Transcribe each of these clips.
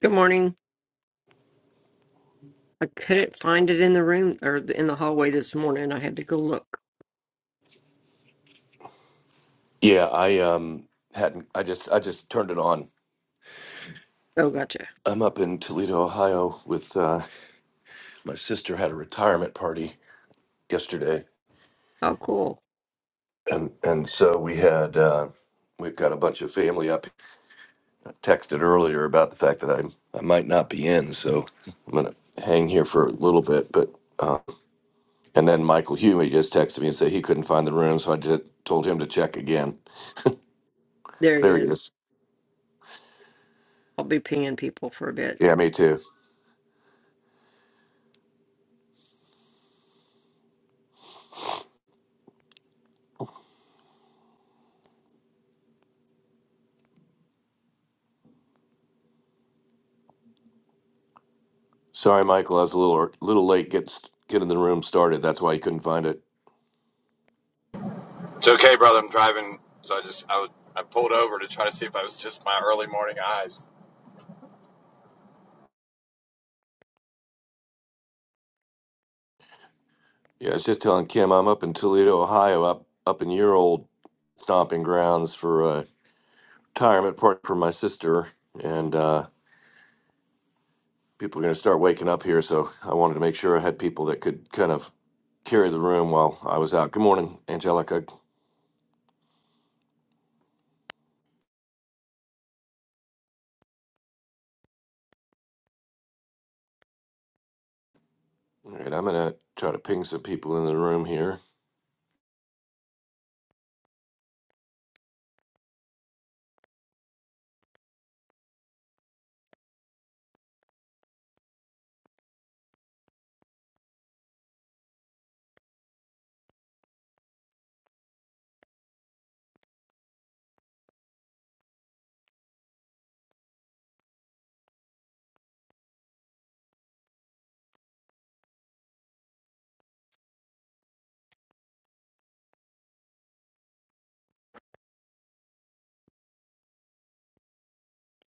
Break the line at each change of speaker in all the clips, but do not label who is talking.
Good morning. I couldn't find it in the room or th- in the hallway this morning. I had to go look.
Yeah, I um hadn't. I just I just turned it on.
Oh, gotcha.
I'm up in Toledo, Ohio, with uh, my sister had a retirement party yesterday,
Oh, cool.
and and so we had uh, we've got a bunch of family up. I texted earlier about the fact that I I might not be in, so I'm gonna hang here for a little bit. But uh, and then Michael Hume just texted me and said he couldn't find the room, so I just told him to check again.
There he
There he
is.
is.
I'll be pinging people for a bit.
Yeah, me too. Sorry, Michael, I was a little little late getting getting the room started. That's why you couldn't find it.
It's okay, brother. I'm driving, so I just I, would, I pulled over to try to see if I was just my early morning eyes.
Yeah, I was just telling Kim I'm up in Toledo, Ohio, up up in your old stomping grounds for a retirement party for my sister, and uh, people are going to start waking up here. So I wanted to make sure I had people that could kind of carry the room while I was out. Good morning, Angelica. All right, I'm going to try to ping some people in the room here.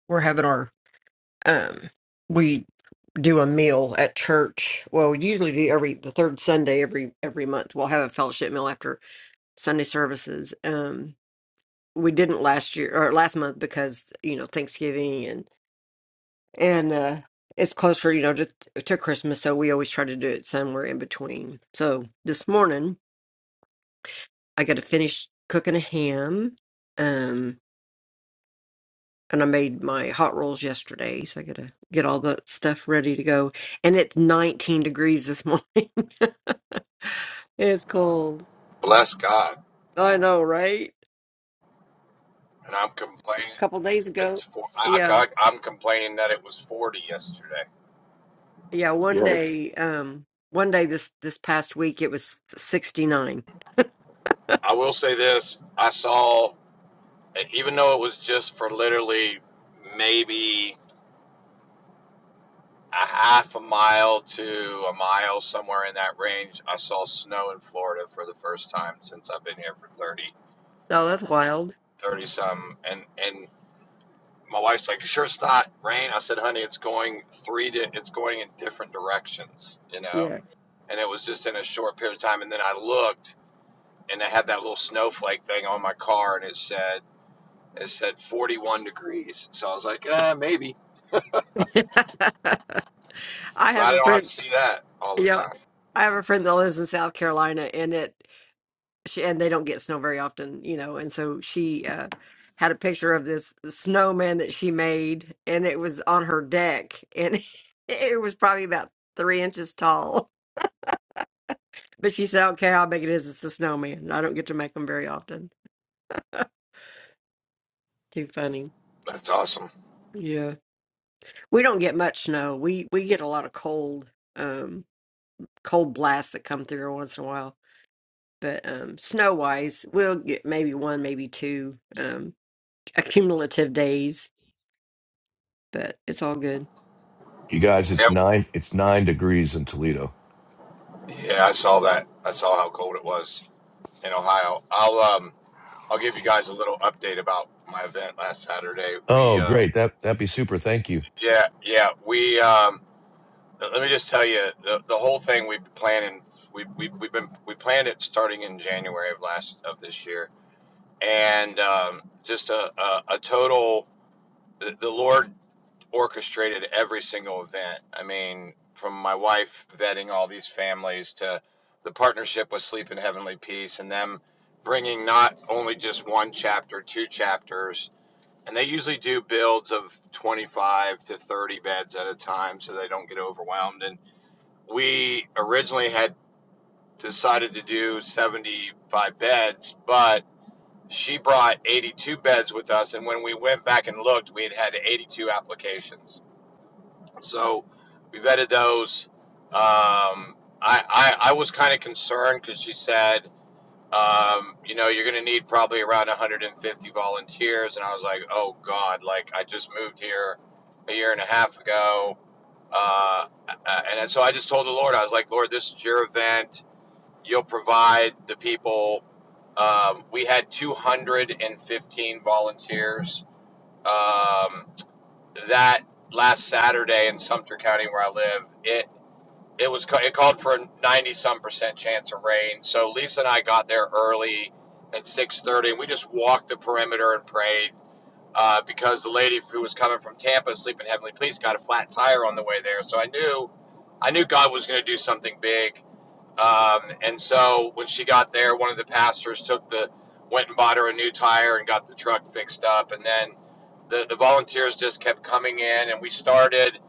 We're having our um, we do a meal at church. Well, we usually do every the third Sunday every every month. We'll have a fellowship meal after Sunday services. Um, we didn't last year or last month because you know Thanksgiving and uh it's closer you know to to christmas so we always try to do it somewhere in between so this morning i got to finish cooking a ham um and i made my hot rolls yesterday so i got to get all that stuff ready to go and it's 19 degrees this morning it's cold
Bless God,
i know right
and I'm complaining.
a couple days
It's
ago
for, I,
yeah
I, I'm complaining that it was 40 yesterday.
yeah one
Yeah,
day um one day this this past week it was 69
I will say this: I saw, even though it was just for literally maybe a half a mile to a mile, somewhere in that range, I saw snow in Florida for the first time since I've been here for 30,
oh that's wild
30 some, and and My wife's like, "Sure, it's not rain." I said, "Honey, it's going three. Di- it's going in different directions, you know."
Yeah.
And it was just in a short period of time. And then I looked, and I had that little snowflake thing on my car, and it said it said 41 degrees. So I was like, "Uh, maybe." I'm
I have
glad I
a
don't have
friend.
to see that all the
Yeah,
time.
I have a friend that lives in South Carolina, and it she, and they don't get snow very often, you know. And so she uh, had a picture of this snowman that she made, and it was on her deck, and it was probably about three inches tall. But she said, "I don't care how big it is; it's a snowman. I don't get to make them very often." Too funny.
That's awesome.
Yeah, we don't get much snow. We we get a lot of cold, um, cold blasts that come through once in a while But um, snow wise, we'll get maybe one, maybe two um, accumulative days, but it's all good.
You guys,
Yeah,
it's nine. It's nine degrees in Toledo.
yeah, I saw that. I saw how cold it was in Ohio. I'll um, I'll give you guys a little update about my event last Saturday. We
Oh,
uh,
great! That that'd be super. Thank you.
yeah, yeah, we um Let me just tell you, the, the whole thing we've been planning, we, we, we've been, we planned it starting in January of last, of this year. And um, just a, a, a total, the, the Lord orchestrated every single event. I mean, from my wife vetting all these families to the partnership with Sleep in Heavenly Peace and them bringing not only just one chapter, two chapters, and they usually do builds of 25 to 30 beds at a time so they don't get overwhelmed we originally had decided to do 75 beds, but she brought 82 beds with us. And when we went back and looked, we had had 82 applications. So we vetted those. Um, I, I, I was kind of concerned because she said, um, you know, you're going to need probably around 150 volunteers. And I was like, oh God, like I just moved here a year and a half ago. Uh, uh, and so I just told the Lord, I was like, Lord, this is your event. You'll provide the people. Um, we had 215 volunteers. Um, that last Saturday in Sumter County, where I live, it it was it called for a 90 some percent chance of rain. So Lisa and I got there early at 6:30, and we just walked the perimeter and prayed. Uh, because the lady who was coming from Tampa, Sleeping Heavenly Please, got a flat tire on the way there, so I knew, I knew God was going to do something big um, and so when she got there, one of the pastors took the went and bought her a new tire and got the truck fixed up. And then the, the volunteers just kept coming in, and we started,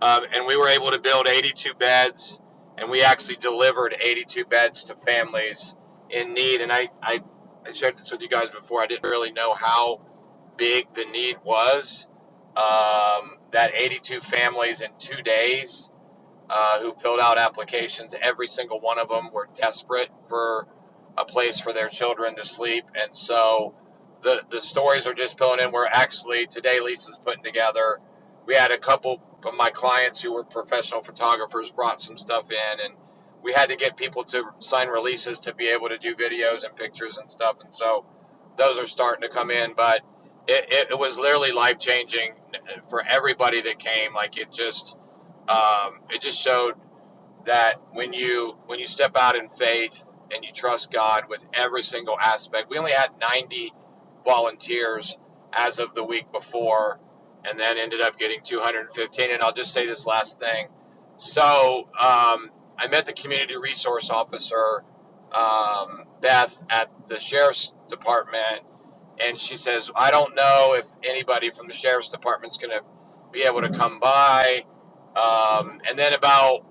um, and we were able to build 82 beds, and we actually delivered 82 beds to families in need. And I, I, I shared this with you guys before. I didn't really know how big the need was. Um, that 82 families in two days uh, who filled out applications. Every single one of them were desperate for a place for their children to sleep, and so the the stories are just filling in. We're actually today Lisa's putting together. We had a couple of my clients who were professional photographers brought some stuff in, and we had to get people to sign releases to be able to do videos and pictures and stuff, and so those are starting to come in, but. It, it, it was literally life changing for everybody that came. Like it just, um, it just showed that when you when you step out in faith and you trust God with every single aspect. We only had 90 volunteers as of the week before, and then ended up getting 215. And I'll just say this last thing. So um, I met the community resource officer um, Beth at the sheriff's department and she says, I don't know if anybody from the sheriff's department's going to be able to come by. Um, and then about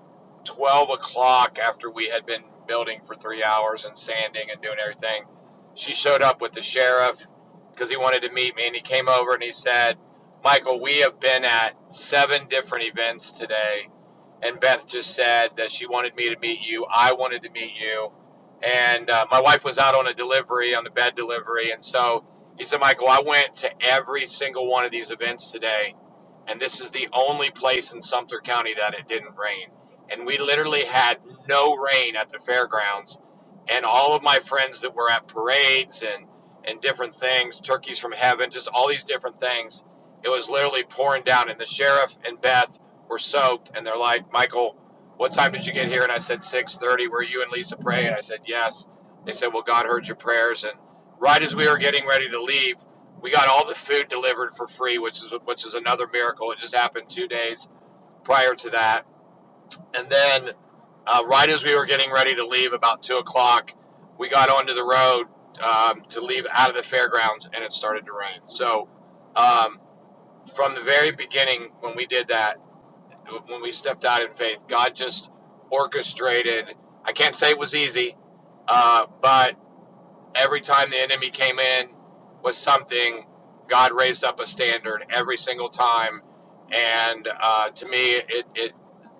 12 o'clock, after we had been building for three hours and sanding and doing everything, she showed up with the sheriff because he wanted to meet me. And he came over and he said, Michael, we have been at seven different events today and Beth just said that she wanted me to meet you. I wanted to meet you, and uh, my wife was out on a delivery, on the bed delivery, and so he said, Michael, I went to every single one of these events today, and this is the only place in Sumter County that it didn't rain. And we literally had no rain at the fairgrounds. And all of my friends that were at parades and, and different things, turkeys from heaven, just all these different things, it was literally pouring down. And the sheriff and Beth were soaked, and they're like, "Michael, what time did you get here?" And I said, "6:30." Were you and Lisa praying? I said, "Yes." They said, "Well, God heard your prayers." And right as we were getting ready to leave we got all the food delivered for free, which is which is another miracle. It just happened two days prior to that, and then uh, right as we were getting ready to leave, about two o'clock, we got onto the road um, to leave out of the fairgrounds, and it started to rain. So um, from the very beginning, when we did that, when we stepped out in faith, God just orchestrated. I can't say it was easy, uh, but Every time the enemy came in with something, God raised up a standard every single time. And uh, to me, it, it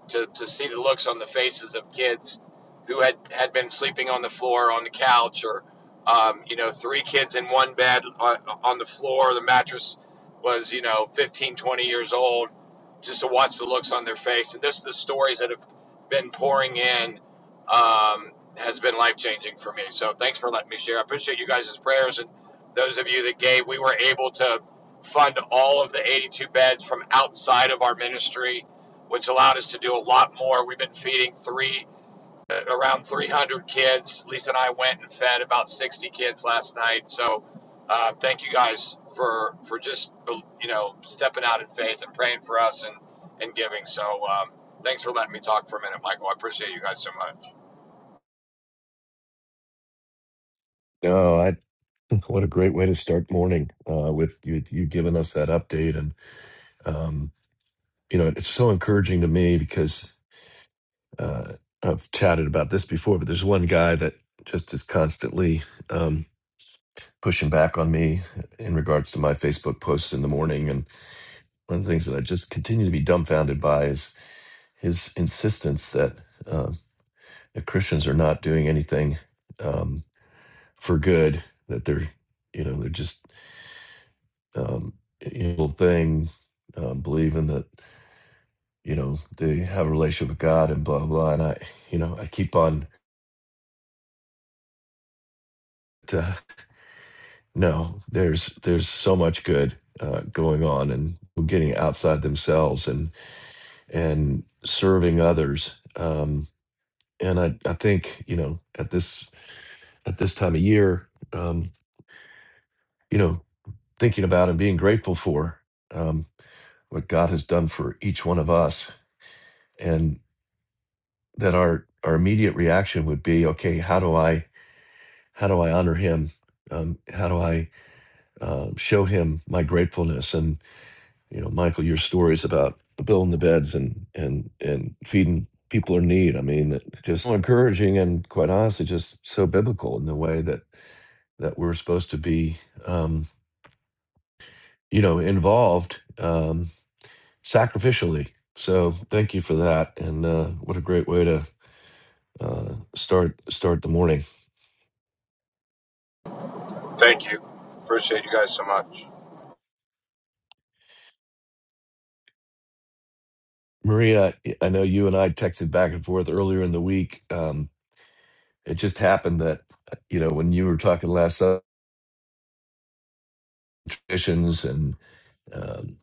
to, to see the looks on the faces of kids who had, had been sleeping on the floor, on the couch, or, um, you know, three kids in one bed on, on the floor. The mattress was, you know, 15, 20 years old, just to watch the looks on their face. And just the stories that have been pouring in. Um, has been life changing for me. So thanks for letting me share. I appreciate you guys' prayers and those of you that gave. We were able to fund all of the 82 beds from outside of our ministry, which allowed us to do a lot more. We've been feeding three uh, around 300 kids. Lisa and I went and fed about 60 kids last night. So uh, thank you guys for for just you know stepping out in faith and praying for us and and giving. So um, thanks for letting me talk for a minute, Michael. I appreciate you guys so much.
Oh, I, what a great way to start morning uh, with you, you giving us that update. And um, you know, it's so encouraging to me because uh, I've chatted about this before, but there's one guy that just is constantly um, pushing back on me in regards to my Facebook posts in the morning. And one of the things that I just continue to be dumbfounded by is his insistence that, uh, that Christians are not doing anything um, for good, that they're, you know, they're just um, evil thing, um, believing that. you know they have a relationship with god and blah blah and i you know i keep on to no there's there's so much good uh, going on and getting outside themselves and and serving others um and i i think you know at this at this time of year um you know thinking about and being grateful for um what god has done for each one of us and that our our immediate reaction would be okay how do i how do I honor him? Um, how do I uh, show him my gratefulness? And you know, Michael, your stories about building the beds and and and feeding people in need. I mean, just so encouraging and quite honestly, just so biblical in the way that that we're supposed to be, um, you know, involved um, sacrificially. So thank you for that, and uh, what a great way to uh, start start the morning.
Thank you. Appreciate you guys so much.
Maria, I know you and I texted back and forth earlier in the week. Um, It just happened that uh, you know when you were talking last about traditions and um,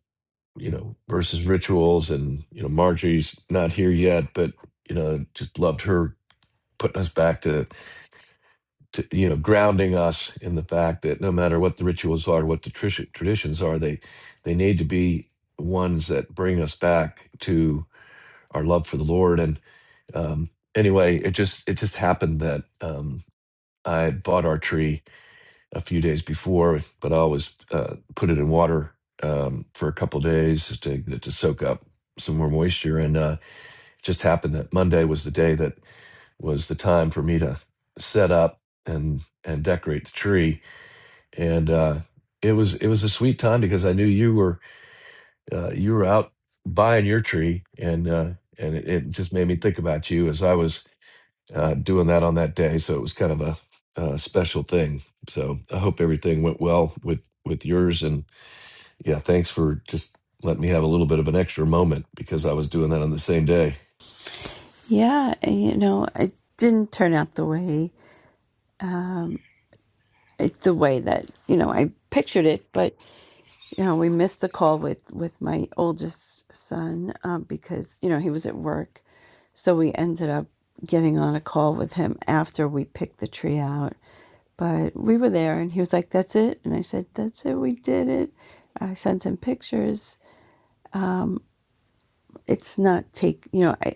you know versus rituals, and you know Marjorie's not here yet, but you know just loved her putting us back to, to you know grounding us in the fact that no matter what the rituals are, what the trish- traditions are, they they need to be ones that bring us back to our love for the Lord. And um, anyway, it just it just happened that um, I bought our tree. a few days before, but I always uh, put it in water um, for a couple days just to get it to soak up some more moisture. And uh, it just happened that Monday was the day that was the time for me to set up and and decorate the tree. And uh, it was it was a sweet time because I knew you were uh, you were out buying your tree, and uh, and it, it just made me think about you as I was uh, doing that on that day. So it was kind of a, uh special thing. So I hope everything went well with with yours. And yeah, thanks for just letting me have a little bit of an extra moment because I was doing that on the same day.
Yeah, you know, it didn't turn out the way um, it, the way that you know I pictured it. But you know, we missed the call with with my oldest son um, because you know he was at work, so we ended up getting on a call with him after we picked the tree out. But we were there, and he was like, "That's it," and I said, "That's it. We did it." I sent him pictures. It's not take you know I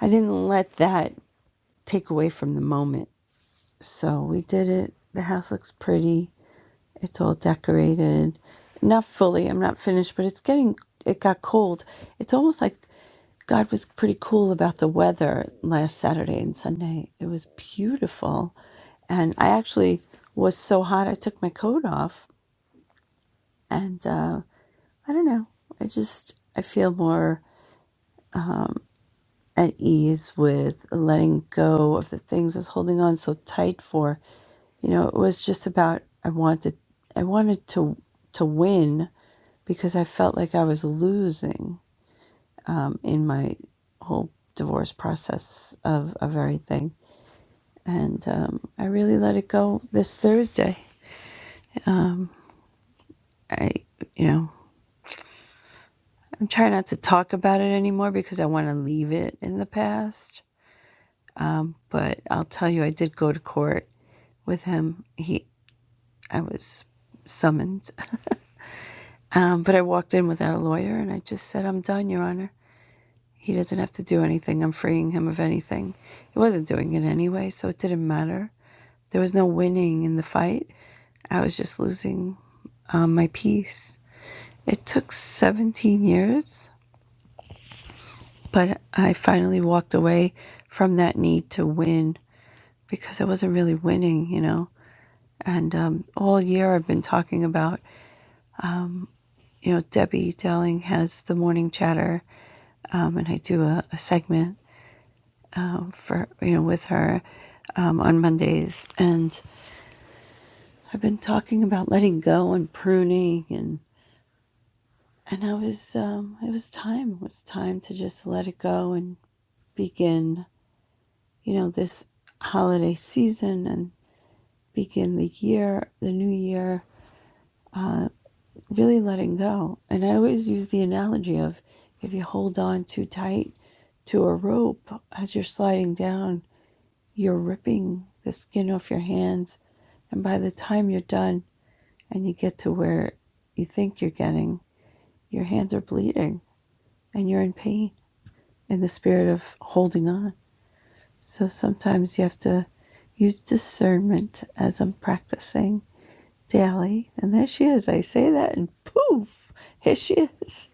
I didn't let that take away from the moment So we did it. The house looks pretty. It's all decorated. Not fully. I'm not finished, but it's getting, it got cold. It's almost like God was pretty cool about the weather last Saturday and Sunday. It was beautiful. And I actually was so hot, I took my coat off. And uh, I don't know. I just, I feel more. at ease with letting go of the things I was holding on so tight for. You know, it was just about I wanted I wanted to to win because I felt like I was losing in my whole divorce process of, of everything. And um, I really let it go this Thursday. I, you know, I'm trying not to talk about it anymore because I want to leave it in the past. But I'll tell you, I did go to court with him. He I was summoned. Um, but I walked in without a lawyer and I just said, I'm done, Your Honor. He doesn't have to do anything. I'm freeing him of anything. He wasn't doing it anyway, so it didn't matter. There was no winning in the fight. I was just losing um, my peace. It took 17 years, but I finally walked away from that need to win because I wasn't really winning, you know. And um, all year I've been talking about, you know, Debbie Dowling has the morning chatter um, and I do a, a segment um, for you know with her um, on Mondays, and I've been talking about letting go and pruning, and and I was um, it was time it was time to just let it go and begin you know this holiday season and begin the year the new year uh, really letting go, and I always use the analogy of if you hold on too tight to a rope as you're sliding down You're ripping the skin off your hands, and by the time you're done and you get to where you think you're getting, your hands are bleeding and you're in pain in the spirit of holding on. So sometimes you have to use discernment as I'm practicing daily. And there she is. I say that, and poof, here she is.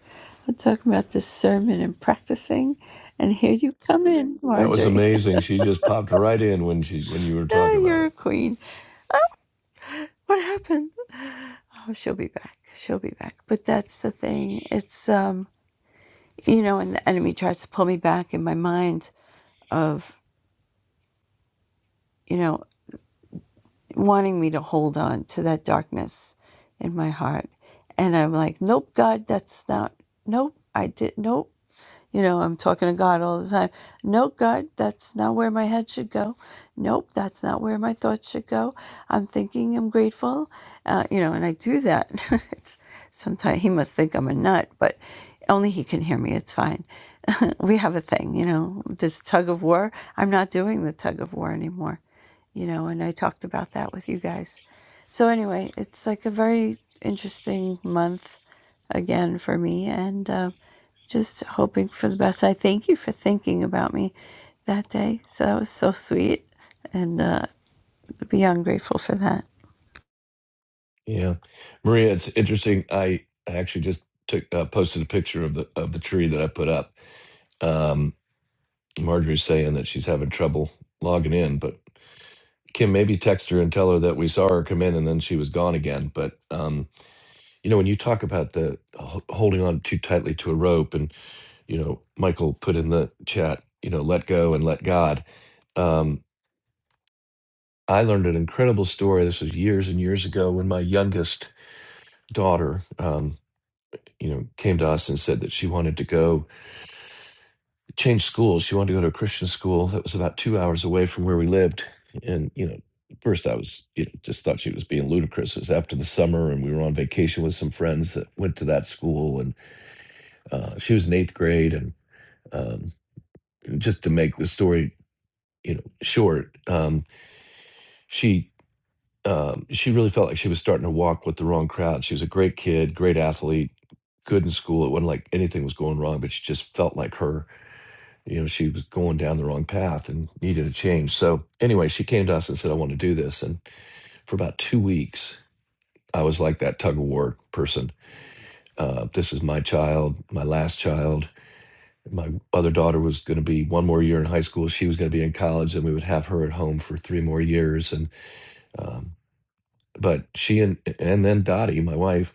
I'm talking about discernment and practicing. And here you come in,
That was
Marjorie.
amazing. She just popped right in when she when you were
Ah,
talking about
you're a
it.
queen. What happened? Oh, she'll be back. She'll be back. But that's the thing. It's um, you know, and the enemy tries to pull me back in my mind of, you know, wanting me to hold on to that darkness in my heart. And I'm like, Nope, God, that's not nope, I did nope. You know, I'm talking to God all the time. Nope, God, that's not where my head should go. Nope, that's not where my thoughts should go. I'm thinking I'm grateful. Uh, you know, and I do that. it's, sometimes he must think I'm a nut, but only he can hear me. It's fine. We have a thing, you know, this tug of war. I'm not doing the tug of war anymore, you know, and I talked about that with you guys. So, anyway, it's like a very interesting month again for me. And, uh, just hoping for the best. I thank you for thinking about me that day. So that was so sweet, and uh, beyond grateful for that.
Yeah, Maria, it's interesting. I I actually just took uh, posted a picture of the of the tree that I put up. Um, Marjorie's saying that she's having trouble logging in, but Kim, maybe text her and tell her that we saw her come in and then she was gone again. But um, you know, when you talk about the h- holding on too tightly to a rope, and you know, Michael put in the chat, you know, let go and let God. Um, I learned an incredible story. This was years and years ago when my youngest daughter, um, you know, came to us and said that she wanted to go. changed schools. She wanted to go to a Christian school that was about two hours away from where we lived. And, you know, at first I was, you know, just thought she was being ludicrous. It was after the summer and we were on vacation with some friends that went to that school. And uh, she was in eighth grade. And um, just to make the story, you know, short, um, she, um, she really felt like she was starting to walk with the wrong crowd. She was a great kid, great athlete, good in school. It wasn't like anything was going wrong, but she just felt like her. you know she was going down the wrong path and needed a change so anyway she came to us and said i want to do this and for about two weeks i was like that tug of war person uh, this is my child my last child my other daughter was going to be one more year in high school she was going to be in college and we would have her at home for three more years and um, But she and and then Dottie, my wife,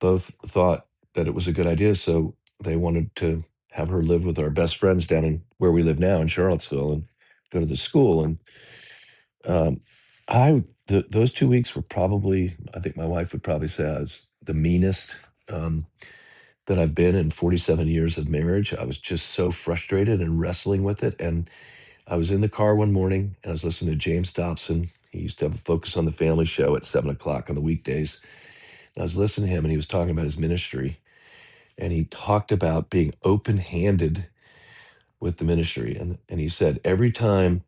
both thought that it was a good idea, so they wanted to have her live with our best friends down in where we live now in Charlottesville and go to the school. And um, I, th- those two weeks were probably, I think my wife would probably say I was the meanest um, that I've been in 47 years of marriage. I was just so frustrated and wrestling with it. And I was in the car one morning and I was listening to James Dobson. He used to have a Focus on the Family show at seven o'clock on the weekdays I was listening to him and he was talking about his ministry and he talked about being open-handed with the ministry and and he said every time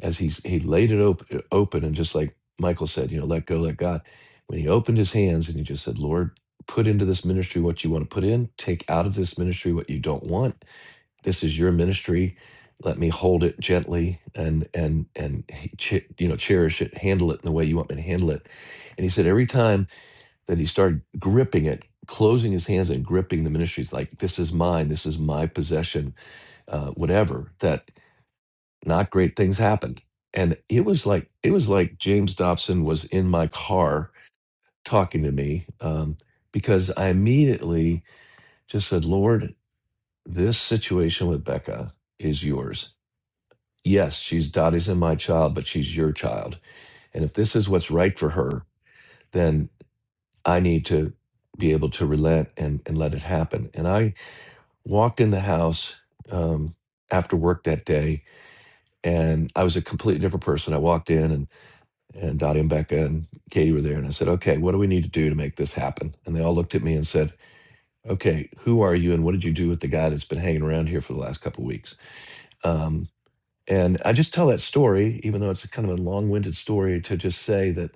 as he's he laid it op- uh, open and just like Michael said, you know, let go, let God. When he opened his hands and he just said, Lord, put into this ministry what you want to put in, take out of this ministry what you don't want. This is your ministry. Let me hold it gently and and and he- che- you know cherish it, handle it in the way you want me to handle it. And he said every time that he started gripping it, closing his hands and gripping the ministries like, this is mine, this is my possession, uh, whatever, that not great things happened. And it was like, it was like James Dobson was in my car talking to me um, because I immediately just said, Lord, this situation with Becca is yours. Yes, she's Dottie's and my child, but she's your child. And if this is what's right for her, then I need to be able to relent and, and let it happen. And I walked in the house um, after work that day, and I was a completely different person. I walked in, and and Dottie and Becca and Katie were there, and I said, "Okay, what do we need to do to make this happen?" And they all looked at me and said, "Okay, who are you, and what did you do with the guy that's been hanging around here for the last couple of weeks?" Um, and I just tell that story, even though it's kind of a long-winded story, to just say that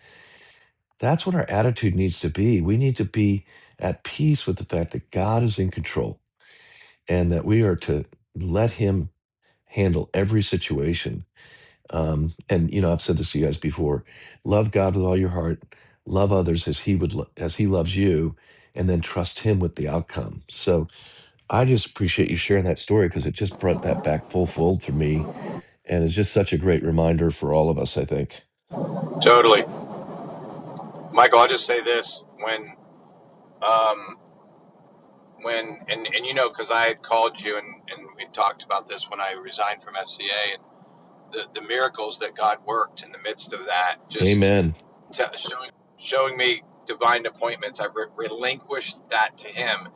That's what our attitude needs to be. We need to be at peace with the fact that God is in control and that we are to let Him handle every situation. Um, and you know, I've said this to you guys before: love God with all your heart, love others as He would lo- as He loves you, and then trust Him with the outcome. So I just appreciate you sharing that story because it just brought that back full fold for me, and it's just such a great reminder for all of us. I think.
Totally, Michael. I'll just say this: when, um, when, and and you know, because I had called you and and we talked about this when I resigned from FCA and the the miracles that God worked in the midst of that, just
Amen.
t- showing showing me divine appointments. I re- relinquished that to Him,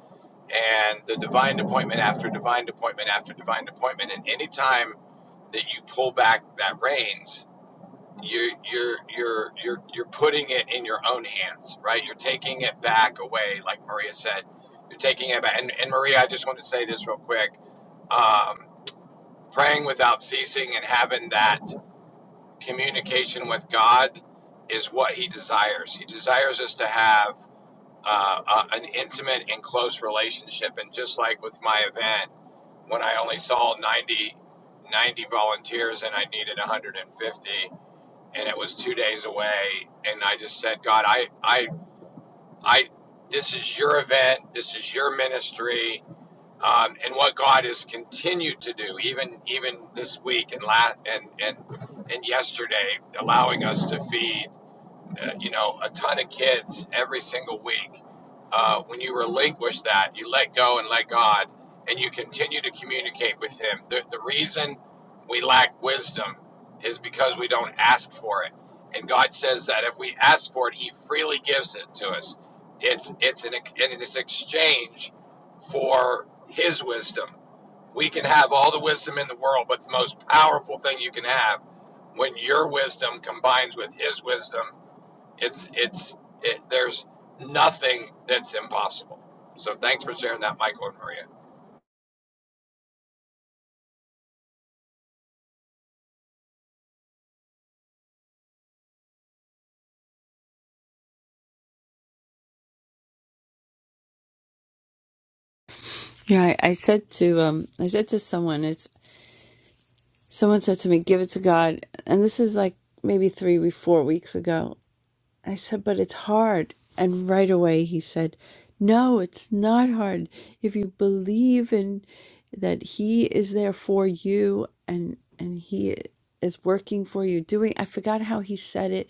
and the divine appointment after divine appointment after divine appointment, and any time that you pull back that reins you're you're you're you're you're putting it in your own hands, right? You're taking it back away, like Maria said. You're taking it back, and, and Maria, I just want to say this real quick. Um, praying without ceasing and having that communication with God is what He desires. He desires us to have uh, uh, an intimate and close relationship. And just like with my event, when I only saw 90 90 volunteers and I needed 150 and it was two days away and i just said god i i i this is your event this is your ministry um, and what god has continued to do even even this week and last and and and yesterday allowing us to feed uh, you know, a ton of kids every single week. Uh, when you relinquish that, you let go and let God, and you continue to communicate with Him. The, the reason we lack wisdom is because we don't ask for it. And God says that if we ask for it, He freely gives it to us. It's it's an and it's exchange for His wisdom. We can have all the wisdom in the world, but the most powerful thing you can have when your wisdom combines with His wisdom it's it's it, there's nothing that's impossible. So thanks for sharing that, Michael and Maria.
Yeah, I, I said to um, I said to someone, it's someone said to me, "Give it to God," and this is like maybe three four weeks ago, I said, but it's hard. And right away he said, no, it's not hard. If you believe in that he is there for you and and he is working for you doing I forgot how he said it,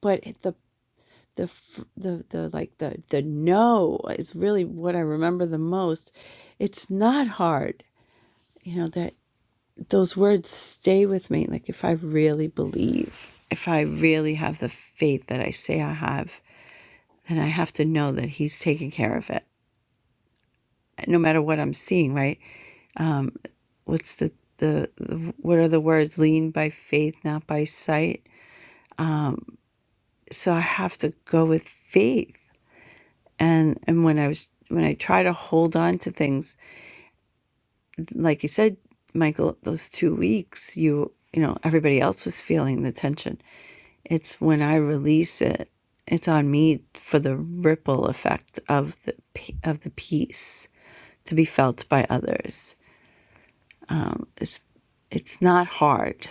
but it- the the f- the the like the the no is really what I remember the most. It's not hard. You know that those words stay with me like if I really believe, if I really have the faith that I say I have then I have to know that He's taking care of it, no matter what I'm seeing. Right? Um, what's the, the the what are the words? Lean by faith, not by sight. Um, so I have to go with faith. And and when I was when I try to hold on to things, like you said, Michael, those two weeks, you you know, everybody else was feeling the tension. It's when I release it. It's on me for the ripple effect of the pe- of the peace to be felt by others. um, it's it's not hard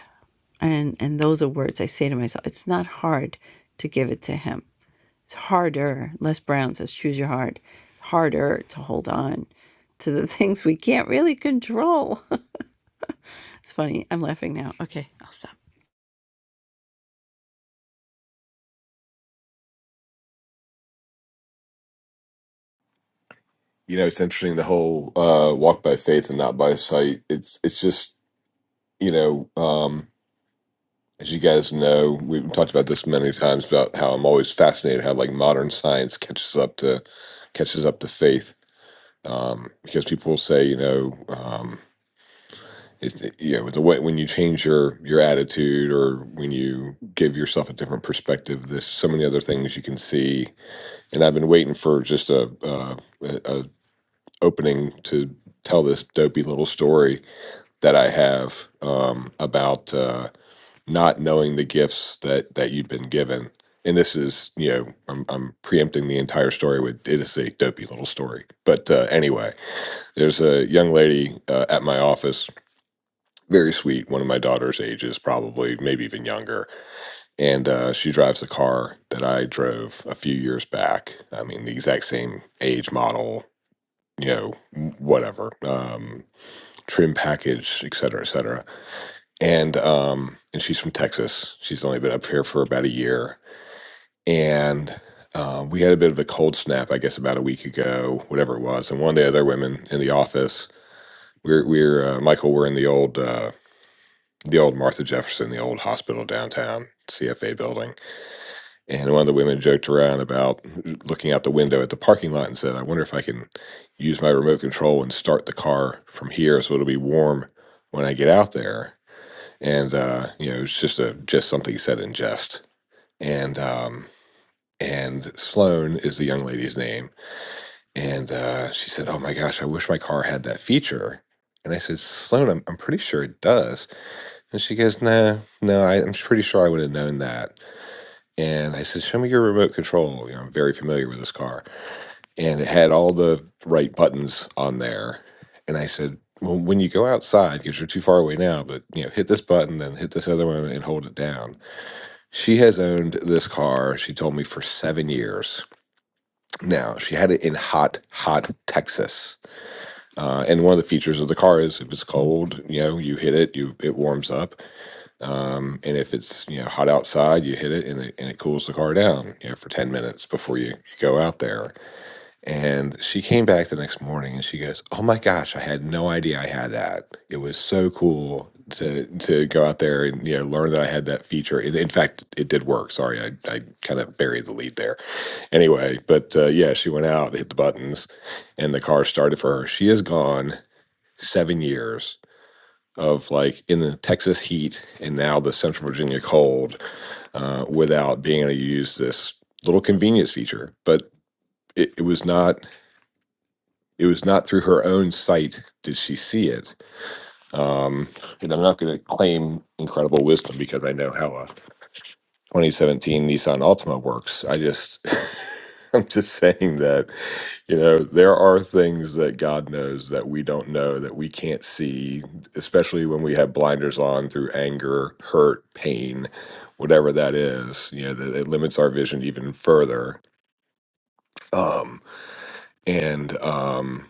and and those are words i say to myself it's not hard to give it to him it's harder les brown says choose your heart harder to hold on to the things we can't really control it's funny i'm laughing now okay i'll stop
you know, it's interesting the whole uh, walk by faith and not by sight. It's it's just you know, um, as you guys know, we've talked about this many times about how I'm always fascinated how like modern science catches up to catches up to faith um, because people will say you know. Um, it, it- you know the way when you change your your attitude or when you give yourself a different perspective there's so many other things you can see and i've been waiting for just a, uh, a, a opening to tell this dopey little story that I have um, about uh, not knowing the gifts that that you've been given. And this is, you know, I'm, I'm preempting the entire story with it is a dopey little story. But uh, anyway, there's a young lady uh, at my office, very sweet, one of my daughter's ages, probably, maybe even younger. And uh, she drives the car that I drove a few years back. I mean, the exact same age model, you know, whatever, um, trim package, et cetera, et cetera and um and she's from Texas. She's only been up here for about a year, and uh, we had a bit of a cold snap, I guess, about a week ago, whatever it was. And one of the other women in the office, we're we're uh, Michael, we're in the old uh, the old Martha Jefferson, the old hospital downtown. CFA building, and one of the women joked around about looking out the window at the parking lot and said, "I wonder if I can use my remote control and start the car from here, so it'll be warm when I get out there." and uh, you know it's just a just something said in jest. And um, and Sloan is the young lady's name, and uh, she said, "Oh my gosh, I wish my car had that feature." And I said, "Sloan, I'm, I'm pretty sure it does." And she goes, "No, no, I, I'm pretty sure I would have known that." And I said, "Show me your remote control. You know, I'm very familiar with this car, and it had all the right buttons on there." And I said. Well, when you go outside, because you're too far away now, but you know, hit this button, then hit this other one, and hold it down She has owned this car, she told me, for seven years. Now, she had it in hot, hot Texas. Uh, and one of the features of the car is if it's cold, you know, you hit it, you it warms up. Um, and if it's, you know, hot outside, you hit it and it, and it cools the car down, you know, for 10 minutes before you, you go out there. And she came back the next morning and she goes, "Oh my gosh, I had no idea I had that. It was so cool to to go out there and you know learn that I had that feature. And in fact, it did work. Sorry, I I kind of buried the lead there. Anyway, but uh, yeah, she went out, hit the buttons, and the car started for her. She has gone seven years of like in the Texas heat and now the Central Virginia cold uh, without being able to use this little convenience feature, but. It, it was not it was not through her own sight did she see it. Um, and I'm not going to claim incredible wisdom because I know how a 2017 Nissan Altima works. I just, I'm just saying that, you know, there are things that God knows that we don't know, that we can't see, especially when we have blinders on through anger, hurt, pain, whatever that is, you know, that it limits our vision even further. Um, and, um,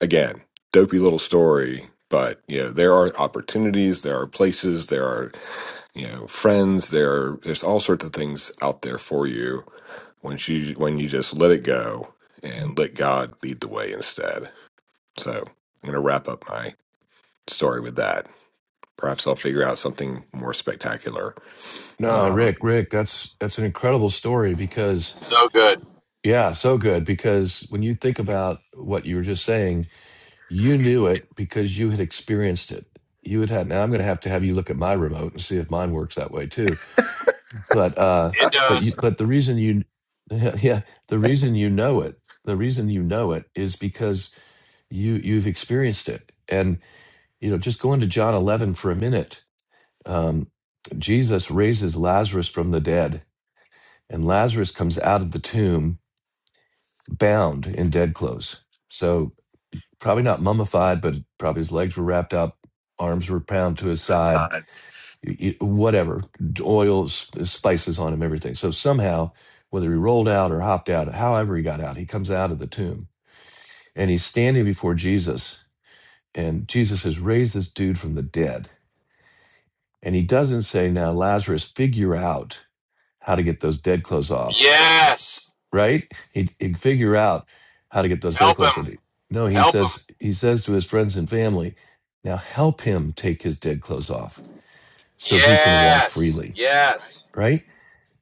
again, dopey little story, but you know, there are opportunities, there are places, there are, you know, friends, there are, there's all sorts of things out there for you when you when you just let it go and let God lead the way instead. So I'm gonna wrap up my story with that. Perhaps I'll figure out something more spectacular.
No,
Um,
Rick, Rick, that's that's an incredible story because
So good.
Yeah, so good because when you think about what you were just saying, you knew it because you had experienced it. You had had. Now I'm going to have to have you look at my remote and see if mine works that way too. But uh,
It
but you
does.
but the reason you yeah the reason you know it the reason you know it is because you you've experienced it and you know just going to john 11 for a minute um, jesus raises lazarus from the dead and lazarus comes out of the tomb bound in dead clothes. So probably not mummified, but probably his legs were wrapped up, arms were bound to his side,
I-
y- y- whatever, oils, spices on him, everything. So somehow, whether he rolled out or hopped out, however he got out, he comes out of the tomb and he's standing before Jesus. And Jesus has raised this dude from the dead. And he doesn't say, Now, Lazarus, figure out how to get those dead clothes off.
Yes.
right? He'd, he'd figure out how to get those dead
Help
clothes.
him.
And he- no, he
Help him.
says he says to his friends and family, now help him take his dead clothes off so he can walk
Yes.
freely,
Yes.
right?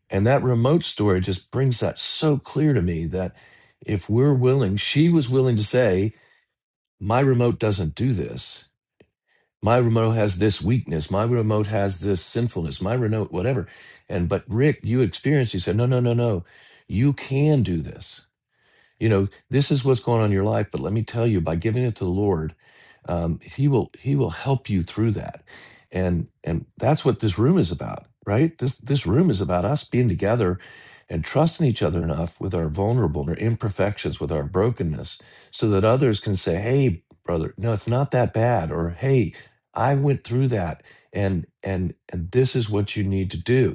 And that remote story just brings that so clear to me that if we're willing, she was willing to say, my remote doesn't do this. My remote has this weakness. My remote has this sinfulness. My remote, whatever. And but Rick, you experienced. You said, no, no, no, no. You can do this you know this is what's going on in your life but let me tell you by giving it to the lord um, he will he will help you through that and and that's what this room is about right this this room is about us being together and trusting each other enough with our vulnerable our imperfections with our brokenness so that others can say hey brother no it's not that bad or hey i went through that and and and this is what you need to do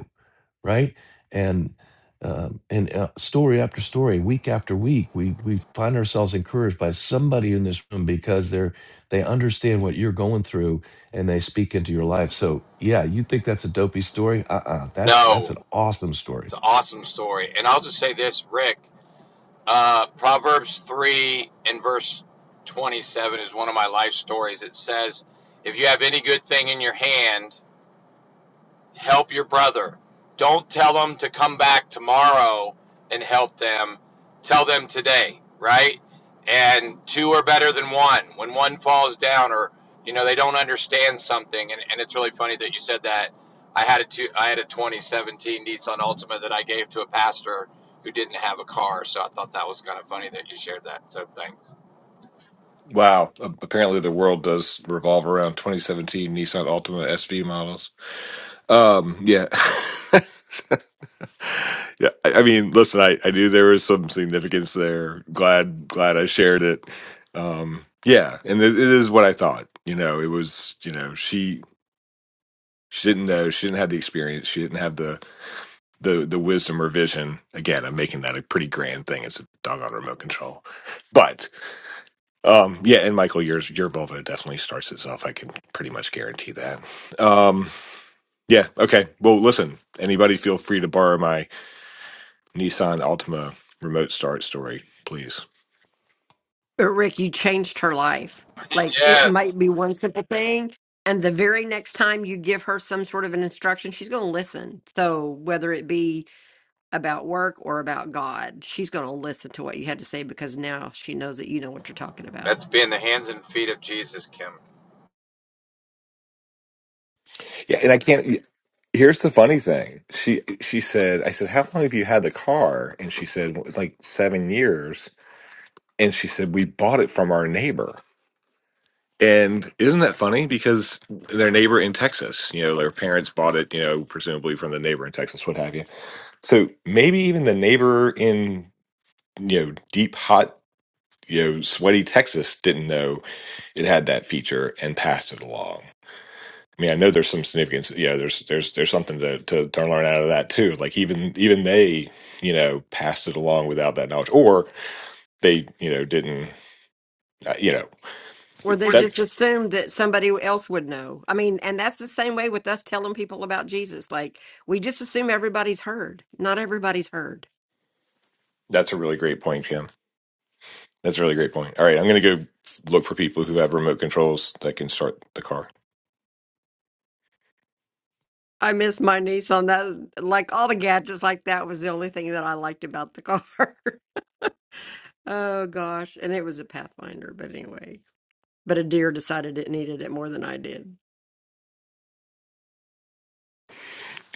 right? And um, and uh, story after story, week after week, we we find ourselves encouraged by somebody in this room because they're they understand what you're going through and they speak into your life. So yeah, you think that's a dopey story? Uh uh that's that's an
No.
awesome story.
It's an awesome story. And I'll just say this, Rick. Uh, Proverbs three and verse twenty-seven is one of my life stories. It says, "If you have any good thing in your hand." help your brother. Don't tell them to come back tomorrow and help them. Tell them today, right? And two are better than one. When one falls down or you know they don't understand something, and, and it's really funny that you said that. I had a two, I had a 2017 Nissan Altima that I gave to a pastor who didn't have a car, so I thought that was kind of funny that you shared that. So thanks.
wow! a- Apparently, the world does revolve around 2017 Nissan Altima SV models. Um, yeah. Yeah, I I mean, listen, I, I knew there was some significance there. Glad glad I shared it. Um, yeah, and it, it is what I thought. You know, it was you know she she didn't know she didn't have the experience. She didn't have the the the wisdom or vision. Again, I'm making that a pretty grand thing. It's a doggone remote control, but um, yeah. And Michael, yours your Volvo definitely starts itself. I can pretty much guarantee that. Um, yeah. Okay. Well, listen. Anybody feel free to borrow Nissan Altima remote start story, please.
But Rick, you changed her life. Like it
yes,
might be one simple thing. And the very next time you give her some sort of an instruction, she's going to listen. So whether it be about work or about God, she's going to listen to what you had to say because now she knows that you know what you're talking about.
that's being the hands and feet of Jesus, Kim.
Yeah, and I can't. Here's the funny thing. She she said, I said, how long have you had the car? And she said, like seven years. And she said, we bought it from our neighbor. And isn't that funny? Because their neighbor in Texas, you know, their parents bought it, you know, presumably from the neighbor in Texas, what have you. So maybe even the neighbor in, you know, deep, hot, you know, sweaty Texas didn't know it had that feature and passed it along. I mean, I know there's some significance. Yeah, there's there's there's something to to, to learn out of that too. Like even even they, you know, passed it along without that knowledge, or they, you know, didn't. Uh, you know,
Or they just
that
assumed that somebody else would know. I mean, and that's the same way with us telling people about Jesus. Like, we just assume everybody's heard. Not everybody's heard.
that's a really great point, Kim. That's a really great point. All right, I'm gonna go look for people who have remote controls that can start the car.
I miss my niece on that. Like, all the gadgets like that was the only thing that I liked about the car. oh, gosh. And it was a Pathfinder, but anyway. But a deer decided it needed it more than I did.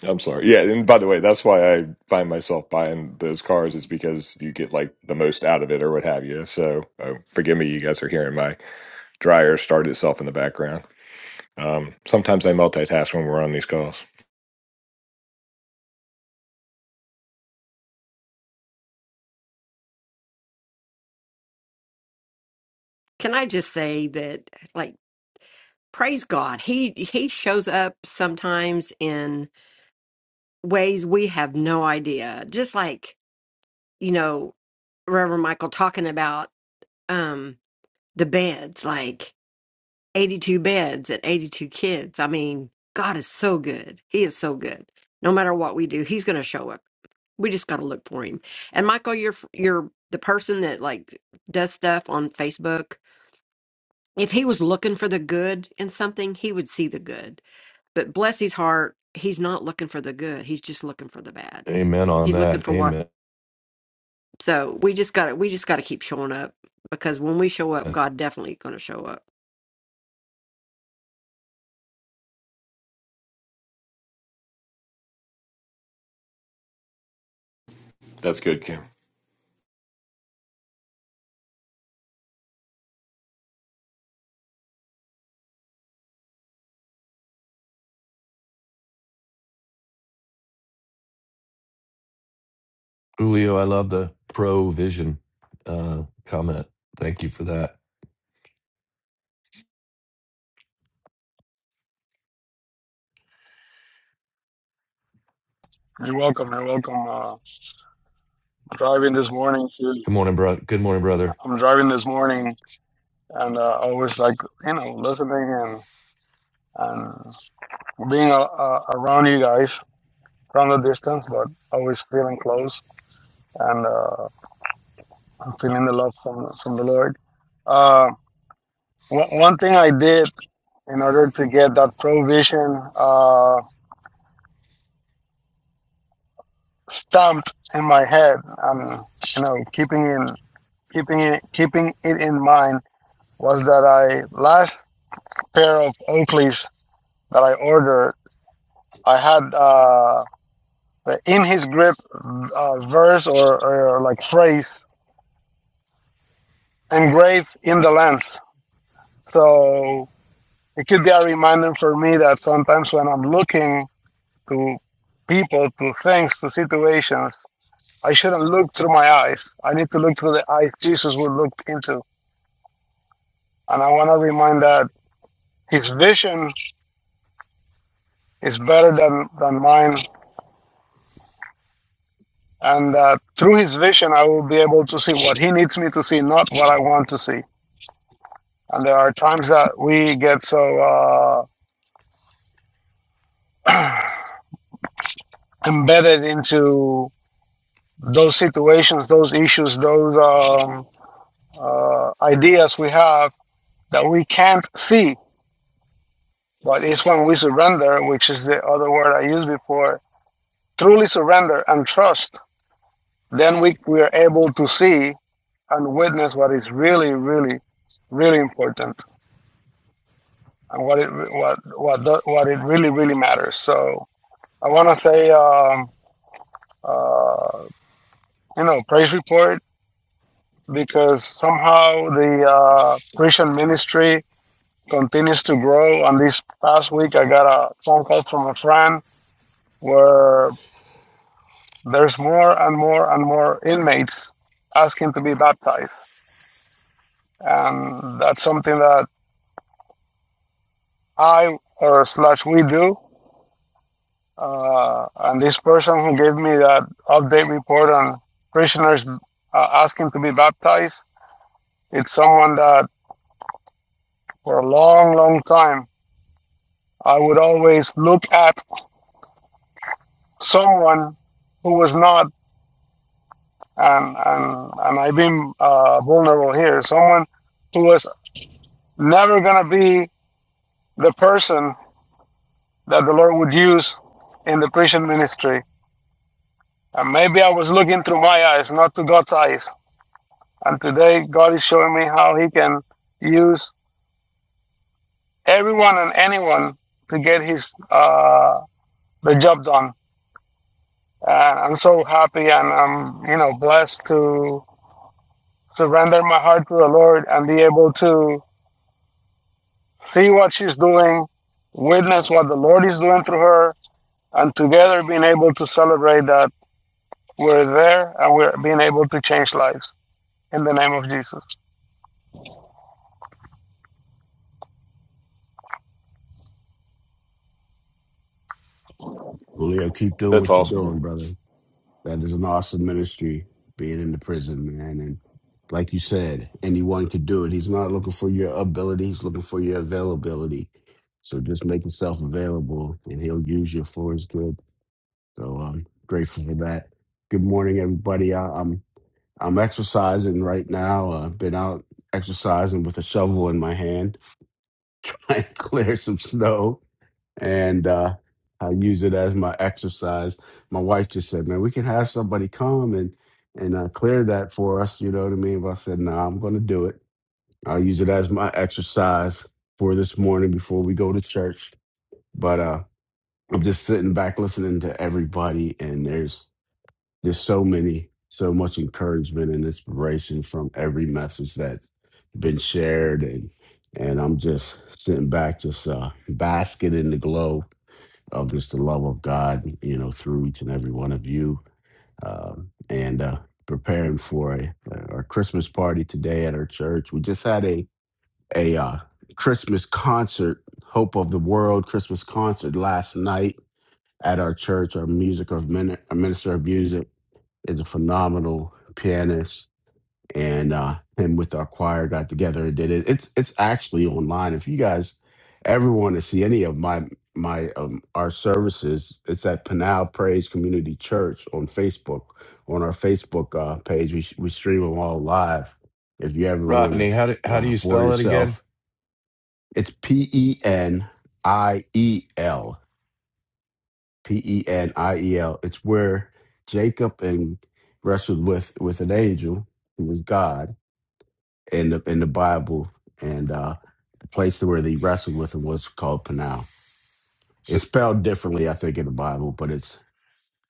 I'm sorry. Yeah, and by the way, that's why I find myself buying those cars is because you get like the most out of it or what have you. So uh, forgive me, you guys are hearing my dryer start itself in the background. Um, sometimes I multitask when we're on these calls.
Can I just say that, like, praise God, he he shows up sometimes in ways we have no idea. Just like you know, Reverend Michael talking about um the beds, like eighty-two beds and eighty-two kids. I mean, God is so good. He is so good. No matter what we do, He's going to show up. We just got to look for Him. And Michael, you're you're the person that like does stuff on Facebook if he was looking for the good in something, he would see the good. But bless his heart, he's not looking for the good. He's just looking for the bad.
Amen on
He's looking
that.
for what.
Amen.
So we just got to we just got to keep showing up because when we show up, God definitely going to show up.
That's good, Kim.
Julio, I love the provision uh, comment. Thank you for that.
You're welcome. You're welcome. Uh, driving this morning too.
Good morning, bro. Good morning, brother.
I'm driving this morning, and uh, I was like, you know, listening and and being uh, uh, around you guys from the distance, but always feeling close, and uh, I'm feeling the love from from the Lord. Uh, one one thing I did in order to get that provision uh, stamped in my head, and you know, keeping in keeping it keeping it in mind was that I last pair of Oakleys that I ordered, I had uh, the "In His Grip" uh, verse or, or like phrase engraved in the lens, so it could be a reminder for me that sometimes when I'm looking to people, to things, to situations, I shouldn't look through my eyes. I need to look through the eyes Jesus would look into, and I want to remind that His vision is better than than mine And uh, through his vision, I will be able to see what he needs me to see, not what I want to see. And there are times that we get so uh, embedded into those situations, those issues, those um, uh, ideas we have that we can't see. But it's when we surrender, which is the other word I used before, truly surrender and trust, then we, we are able to see and witness what is really, really, really important. and what it what what the, what it really really matters. So I want to say um, uh, you know praise report because somehow the uh, Christian ministry continues to grow. And this past week, I got a phone call from a friend where there's more and more and more inmates asking to be baptized, and that's something that I or slash we do. Uh, and this person who gave me that update report on prisoners uh, asking to be baptized, it's someone that for a long, long time I would always look at someone who was not, and and and I've been uh, vulnerable here. Someone who was never gonna be the person that the Lord would use in the prison ministry. And maybe I was looking through my eyes, not to God's eyes. And today, God is showing me how He can use everyone and anyone to get His uh, the job done. And I'm so happy, and I'm you know blessed to surrender my heart to the Lord and be able to see what she's doing, witness what the Lord is doing through her, and together being able to celebrate that we're there and we're being able to change lives in the name of Jesus.
Leo, keep doing
That's
what you're
awesome. huh?
doing, brother. That is an awesome ministry, being in the prison, man. And like you said, anyone could do it. He's not looking for your ability, he's looking for your availability. So just make yourself available and he'll use you for his good. So I'm grateful for that. Good morning, everybody. I, I'm I'm exercising right now. I've been out exercising with a shovel in my hand, trying to clear some snow and uh, I use it as my exercise. My wife just said, "Man, we can have somebody come and and uh, clear that for us." You know what I mean? But I said, "No, nah, I'm going to do it. I'll use it as my exercise for this morning before we go to church." But uh, I'm just sitting back listening to everybody, and there's there's so many, so much encouragement and inspiration from every message that's been shared and. And I'm just sitting back, just uh, basking in the glow of just the love of God, you know, through each and every one of you. Um, and uh, preparing for a, our Christmas party today at our church. We just had a a uh, Christmas concert, Hope of the World Christmas concert last night at our church. Our music, our, min- our minister of music is a phenomenal pianist and uh and with our choir got together and did it it's it's actually online if you guys ever want to see any of my my um our services it's at Pinal Praise Community Church on Facebook on our Facebook uh page we we stream them all live if you ever
Rodney,
want
how do
to
how do
uh
you
for
spell it again?
yourself it's P E N I E L P E N I E L it's where Jacob and wrestled with with an angel who was God in the in the Bible, and uh, the place where they wrestled with him was called Panal. It's spelled differently, I think, in the Bible, but it's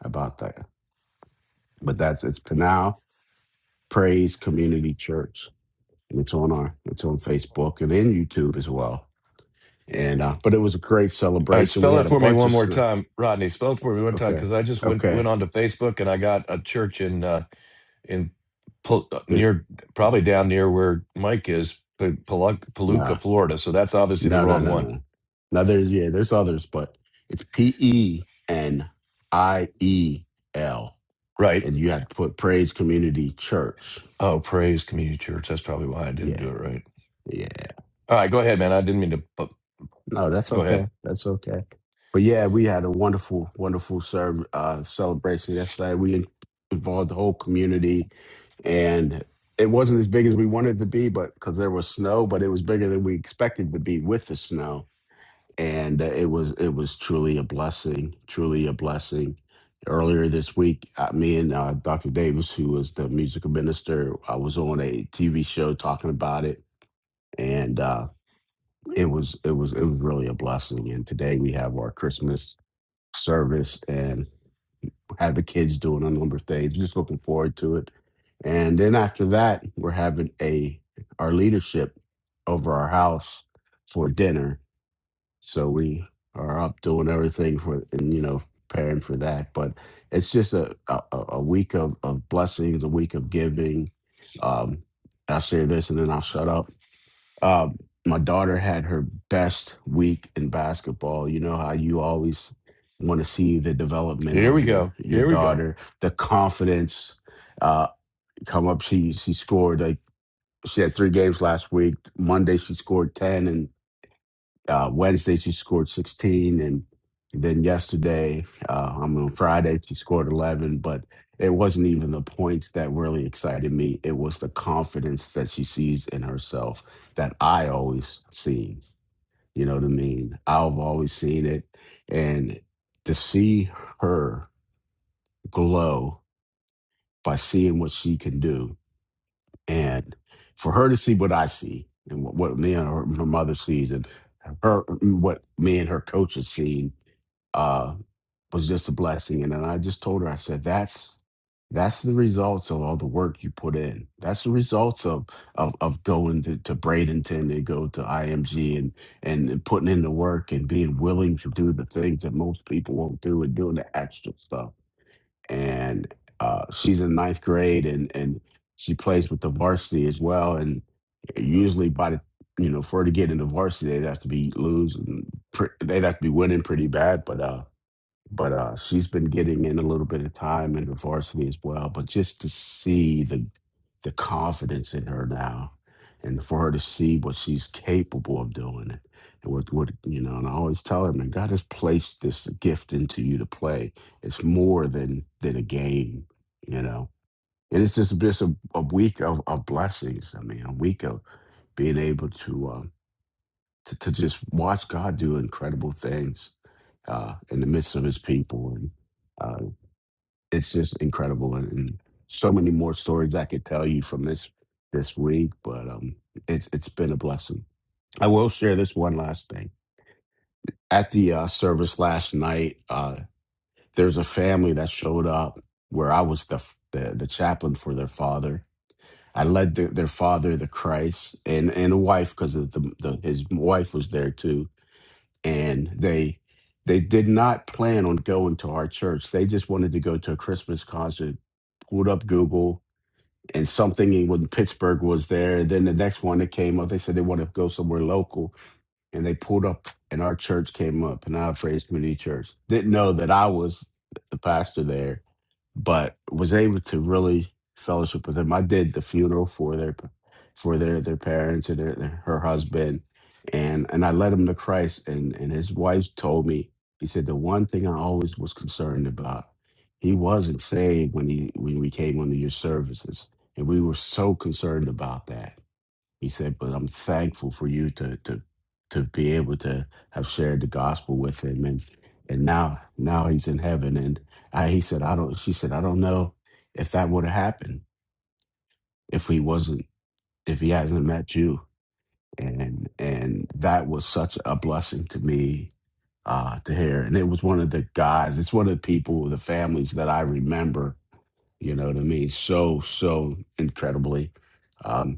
about that. But that's it's Panal Praise Community Church, and it's on our it's on Facebook and in YouTube as well. And uh, but it was a great
All right,
celebration. We
spell
had
it
a
for me
bunch
one
of
more
sn-
time, Rodney. Spell it for me one time
okay,
because I just went
okay,
went onto Facebook and I got a church in uh, in Pul-
there,
near probably down near where Mike is, P- Paluk-
nah,
Paluca, Florida. So that's obviously the
no, no,
wrong
no,
one,
no, no. There's yeah, there's others, but it's P E N I E L.
right?
and you have to put Praise Community Church.
Oh, Praise Community Church. That's probably why I didn't
Yeah,
do it right.
yeah.
All right, go ahead, man. I didn't mean to. bu-
No, that's
Go
okay.
ahead.
That's okay. But yeah, we had a wonderful, wonderful serve, uh, celebration yesterday. We in- involved the whole community, and it wasn't as big as we wanted it to be, but because there was snow, but it was bigger than we expected to be with the snow, and uh, it was it was truly a blessing, truly a blessing. Earlier this week, uh, me and uh, Dr. Davis, who was the musical minister, I was on a TV show talking about it, and uh, it was it was it was really a blessing. And today we have our Christmas service and have the kids doing a number of things. Just looking forward to it. And then after that, we're having a our leadership over our house for dinner. So we are up doing everything for and you know preparing for that. But it's just a a, a a week of of blessings, a week of giving. Um, I'll share this and then I'll shut up um, my daughter had her best week in basketball. You know how you always want to see the development
Here
of
we
your
go.
your
Here we go.
daughter, the confidence uh, come up. She she scored like she had three games last week. Monday she scored ten, and. Uh, Wednesday, she scored 16. And then yesterday, uh, I mean, on Friday, she scored 11. But it wasn't even the points that really excited me. It was the confidence that she sees in herself that I always seen. You know what I mean? I've always seen it. And to see her glow by seeing what she can do and for her to see what I see and what, what me and her, her mother sees and her what me and her coach has seen uh, was just a blessing. And then I just told her, I said, that's that's the results of all the work you put in. That's the results of of of going to, to Bradenton and go to IMG and and putting in the work and being willing to do the things that most people won't do and doing the extra stuff and uh, she's in ninth grade and and she plays with the varsity as well. And usually by the you know for her to get into varsity, they'd have to be losing, pre- they'd have to be winning pretty bad. But uh, but uh, she's been getting in a little bit of time in the varsity as well. But just to see the the confidence in her now, and for her to see what she's capable of doing, and what what you know, and I always tell her, man, God has placed this gift into you to play. It's more than than a game, you know. And it's just just a, bit of a week of, of blessings. I mean, a week of being able to. uh, to, to just watch God do incredible things uh, in the midst of his people. And uh, it's just incredible. And, and so many more stories I could tell you from this this week, but um, it's it's been a blessing. I will share this one last thing. At the uh, service last night, uh, there's a family that showed up where I was the f- the, the chaplain for their father. I led the, their father, the Christ, and and a wife because of the, the his wife was there too and they they did not plan on going to our church. They just wanted to go to a Christmas concert. Pulled up Google and something in when Pittsburgh was there. And then the next one that came up, they said they want to go somewhere local, and they pulled up and our church came up, and I Praise Community Church. Didn't know that I was the pastor there, but was able to really fellowship with them. I did the funeral for their for their their parents and their, their her husband, and and I led him to Christ. And and his wife told me, he said the one thing I always was concerned about, he wasn't saved when he when we came under your services, and we were so concerned about that. He said, but I'm thankful for you to to to be able to have shared the gospel with him and and now now he's in heaven and I, he said I don't she said I don't know if that would have happened if he wasn't if he hasn't met you and and that was such a blessing to me uh to hear and it was one of the guys it's one of the people the families that I remember you know what I mean so so incredibly Um,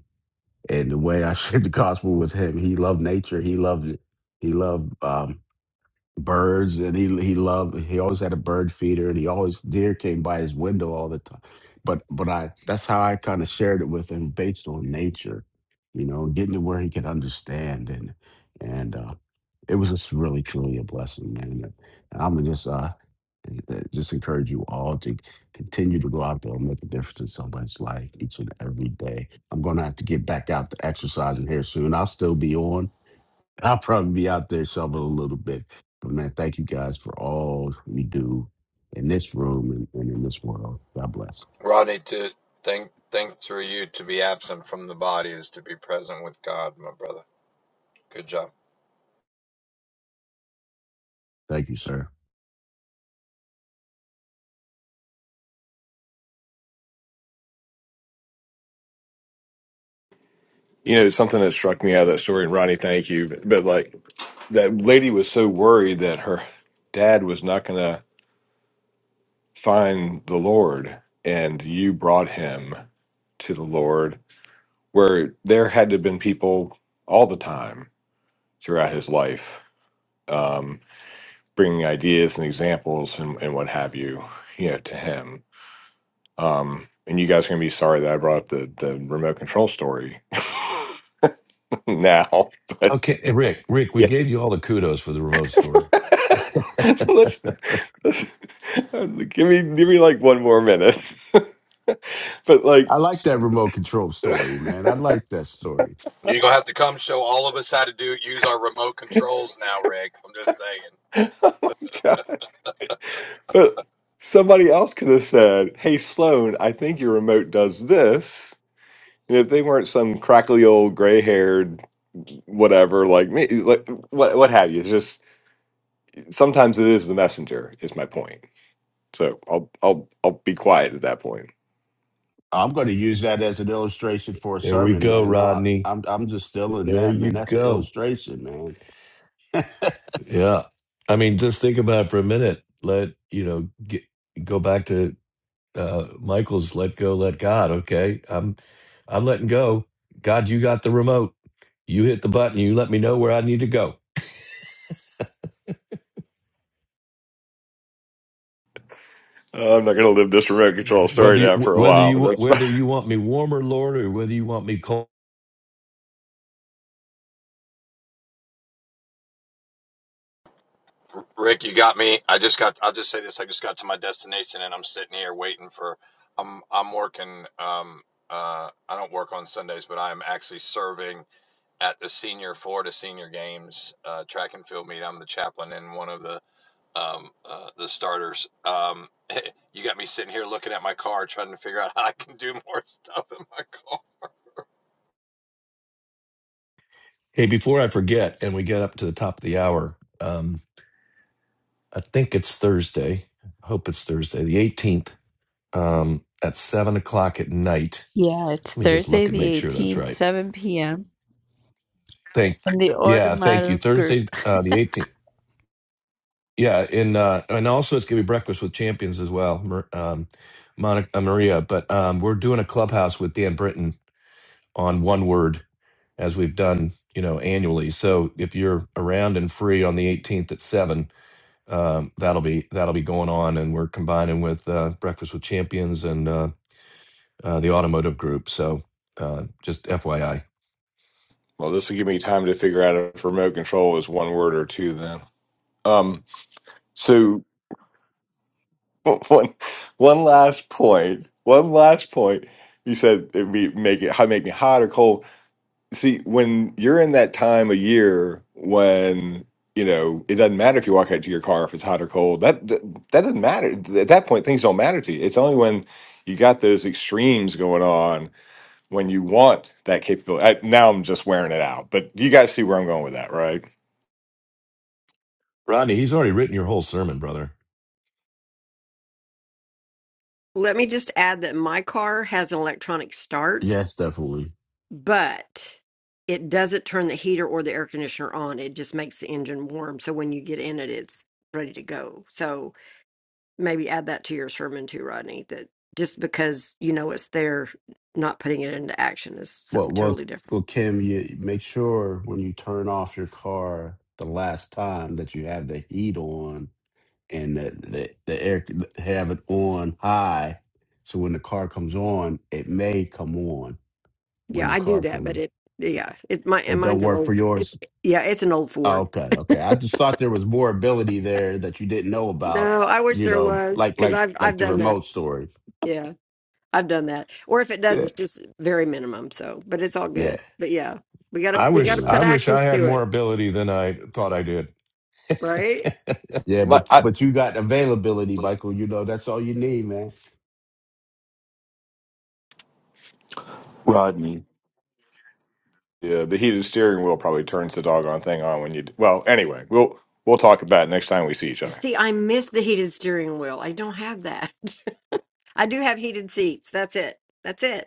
and the way I shared the gospel with him, he loved nature. He loved he loved um, birds and he he loved he always had a bird feeder and he always deer came by his window all the time but but i that's how i kind of shared it with him based on nature you know getting to where he could understand and and uh it was just really truly a blessing man and i'm just uh uh, just encourage you all to continue to go out there and make a difference in somebody's life each and every day i'm gonna have to get back out to exercising here soon i'll still be on I'll probably be out there shoveling a little bit. But man, thank you guys for all you do in this room and, and in this world. God bless.
Rodney, to think think through you to be absent from the body is to be present with God, my brother. Good job.
Thank you, sir.
You know, something that struck me out of that story, and Ronnie, thank you. But, but like that lady was so worried that her dad was not going to find the Lord, and you brought him to the Lord, where there had to have been people all the time throughout his life, um, bringing ideas and examples and, and what have you, you know, to him Um, and you guys are gonna be sorry that I brought up the the remote control story now, but
Okay, eh, Rick. Rick, we
yeah.
gave you all the kudos for the remote story.
Let's, let's- give me give me like one more minute. but like,
I like that remote control story, man. I like that story.
You're gonna have to come show all of us how to do use our remote controls now, Rick. I'm just saying.
God, but somebody else could have said, "Hey Sloan, I think your remote does this." And if they weren't some crackly old gray-haired whatever like me, like what what have you, it's just sometimes it is the messenger. Is my point. So I'll I'll I'll be quiet at that point.
I'm going to use that as an illustration for a
There we
sermon,
go,
man. I,
Rodney.
I'm I'm just stealing
There
that,
you
man. That's an
go.
illustration, man.
Yeah. I mean, just think about it for a minute. Let, you know, get, go back to uh, Michael's let go, let God. Okay. I'm, I'm letting go. God, you got the remote. You hit the button. You let me know where I need to go.
Uh, I'm not going to live this remote control story
Whether you,
down for a
whether
while. But
you
that's fine.
whether you want me warmer, Lord, or whether you want me cold.
Rick, you got me. I just got. I'll just say this. I just got to my destination, and I'm sitting here waiting for. I'm I'm working. Um. Uh. I don't work on Sundays, but I'm actually serving at the senior Florida senior games uh, track and field meet. I'm the chaplain in one of the um, uh, the starters. Um, you got me sitting here looking at my car, trying to figure out how I can do more stuff in my car.
Hey, before I forget, and we get up to the top of the hour, um, I think it's Thursday. I hope it's Thursday, the 18th, um, at seven o'clock at night.
yeah it's
Let me just
thursday
look and make
the
sure that's
18th
right
7 p.m
Thank,
in the
yeah, thank you.
automatic group
Thursday, uh, the 18th. Yeah, and uh, and also it's gonna be breakfast with champions as well, Mar- um, Monica uh, Maria. But um, we're doing a clubhouse with Dan Britton on one word as we've done, you know, annually. So if you're around and free on the 18th at seven, um, that'll be that'll be going on, and we're combining with uh, breakfast with champions and. uh, uh, the automotive group. So uh, just FYI.
Well, this will give me time to figure out if remote control is one word or two. Then, um, so one one last point. One last point. You said it'd be make it make me hot or cold. See, when you're in that time of year when you know it doesn't matter if you walk out to your car if it's hot or cold. That that, that doesn't matter at that point. Things don't matter to you. It's only when you got those extremes going on when you want that capability. I, now I'm just wearing it out, but you guys see where I'm going with that, right?
Rodney, he's already written your whole sermon, brother.
Let me just add that my car has an electronic start,
yes, definitely.
but it doesn't turn the heater or the air conditioner on. It just makes the engine warm. So when you get in it, it's ready to go. So. maybe add that to your sermon too, Rodney. That just because you know it's there, not putting it into action is something
Well, well,
totally different.
well, Kim, you make sure when you turn off your car the last time that you have the heat on and the, the, the air have it on high so when the car comes on it may come on when
Yeah,
the
I do
car
that,
comes
but it yeah, it my
it don't
mine's an
work for
old it,
yours
yeah, it's an old
Oh,
Ford.
okay okay i just thought there was more ability there that you didn't know about
No, I wish
you
there
know
was
like
because
like
I've I've
like the
done that.
remote story
Yeah, I've done that. Or if it does,
yeah
it's just very minimum. So, but it's all
yeah
good. But yeah, we gotta
I
we
wish
gotta
I
put
amen
wish I
actions
had
to it,
more ability than I thought I did.
right?
yeah
But
but
I,
but you got availability michael you know that's all you need man.
Rodney,
yeah, the heated steering wheel probably turns the doggone thing on when you. d- Well, anyway, we'll we'll talk about it next time we see each
Yeah,
other.
See, I miss the heated steering wheel. I don't have that. I do have heated seats. That's it. That's it.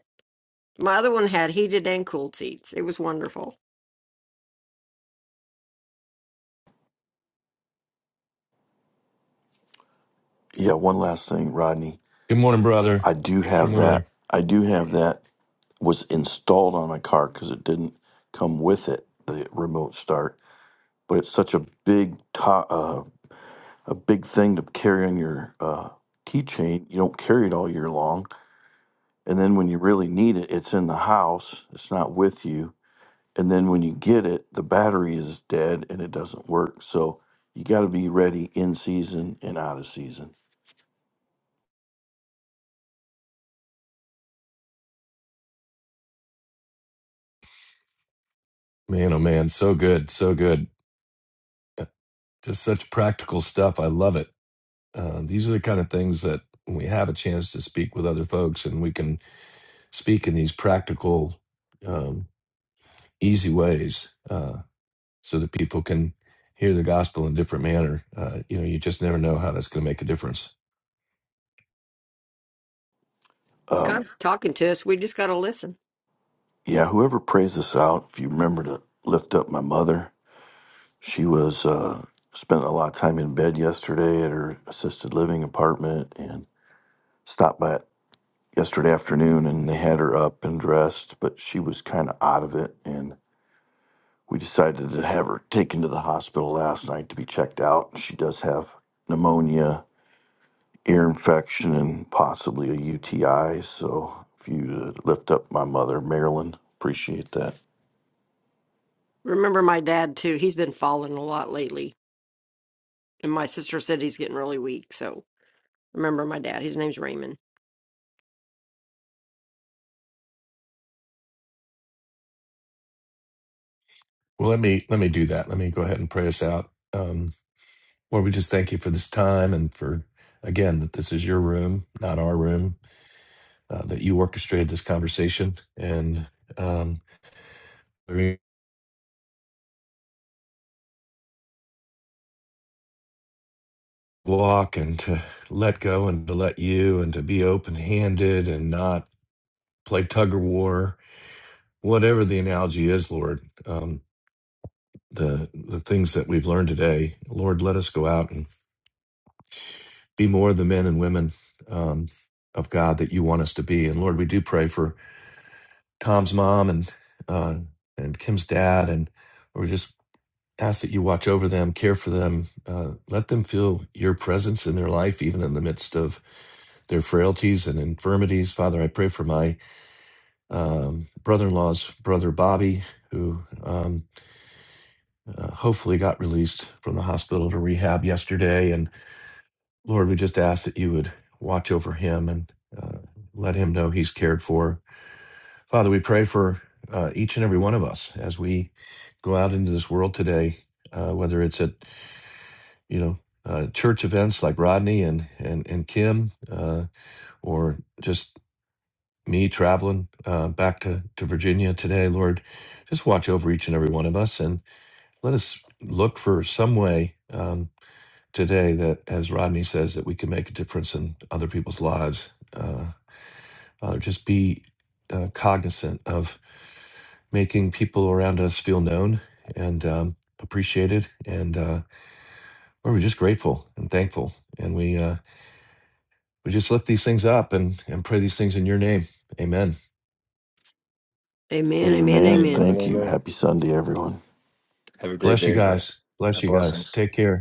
My other one had heated and cooled seats. It was wonderful.
yeah, one last thing, Rodney.
Good morning, brother.
I do
Good
have
morning.
that. I do have that was installed on my car because it didn't come with it, the remote start. But it's such a big to- uh, a big thing to carry on your uh, keychain. You don't carry it all year long, and then when you really need it, it's in the house. It's not with you. And then when you get it, the battery is dead and it doesn't work. So you got to be ready in season and out of season.
Man, oh man, so good, so good. Uh, Just such practical stuff. I love it. Uh, these are the kind of things that when we have a chance to speak with other folks and we can speak in these practical, um, easy ways uh, so that people can hear the gospel in a different manner. Uh, you know, you just never know how that's going to make a difference.
Um,
God's talking to us. We just got to listen.
Yeah, whoever prays this out, if you remember to lift up my mother, she was uh, spent a lot of time in bed yesterday at her assisted living apartment and stopped by it yesterday afternoon and they had her up and dressed, but she was kind of out of it. And we decided to have her taken to the hospital last night to be checked out. She does have pneumonia, ear infection, and possibly a UTI. So if you uh, lift up my mother, Marilyn, appreciate that.
Remember my dad, too. He's been falling a lot lately. And my sister said he's getting really weak. So remember my dad. His name's Raymond.
Well, let me let me do that. Let me go ahead and pray us out. Um, Lord, we just thank you for this time and for, again, that this is your room, not our room, uh, that you orchestrated this conversation and um, we walk and to let go and to let you and to be open handed and not play tug of war, whatever the analogy is, Lord. Um, the, the things that we've learned today, Lord, let us go out and be more the men and women um, of God that you want us to be. And Lord, we do pray for Tom's mom and uh, and Kim's dad, and we just ask that you watch over them, care for them, uh, let them feel your presence in their life, even in the midst of their frailties and infirmities. Father, I pray for my um, brother-in-law's brother Bobby, who um, uh, hopefully got released from the hospital to rehab yesterday. And Lord, we just ask that you would watch over him and uh, let him know he's cared for Father, we pray for uh, each and every one of us as we go out into this world today, uh, whether it's at you know uh, church events like Rodney and and and Kim, uh, or just me traveling uh, back to to Virginia today. Lord, just watch over each and every one of us, and let us look for some way um, today that, as Rodney says, that we can make a difference in other people's lives. Uh, Father, just be uh, cognizant of making people around us feel known and um, appreciated. And uh, we're just grateful and thankful. And we uh, we just lift these things up and, and pray these things in your name. Amen.
Amen, amen,
Amen.
amen.
Amen
Thank
and
you.
amen.
Happy Sunday, everyone.
Have a great
Bless you
day, guys.
guys. Bless
Have
you guys.
blessings.
Take care.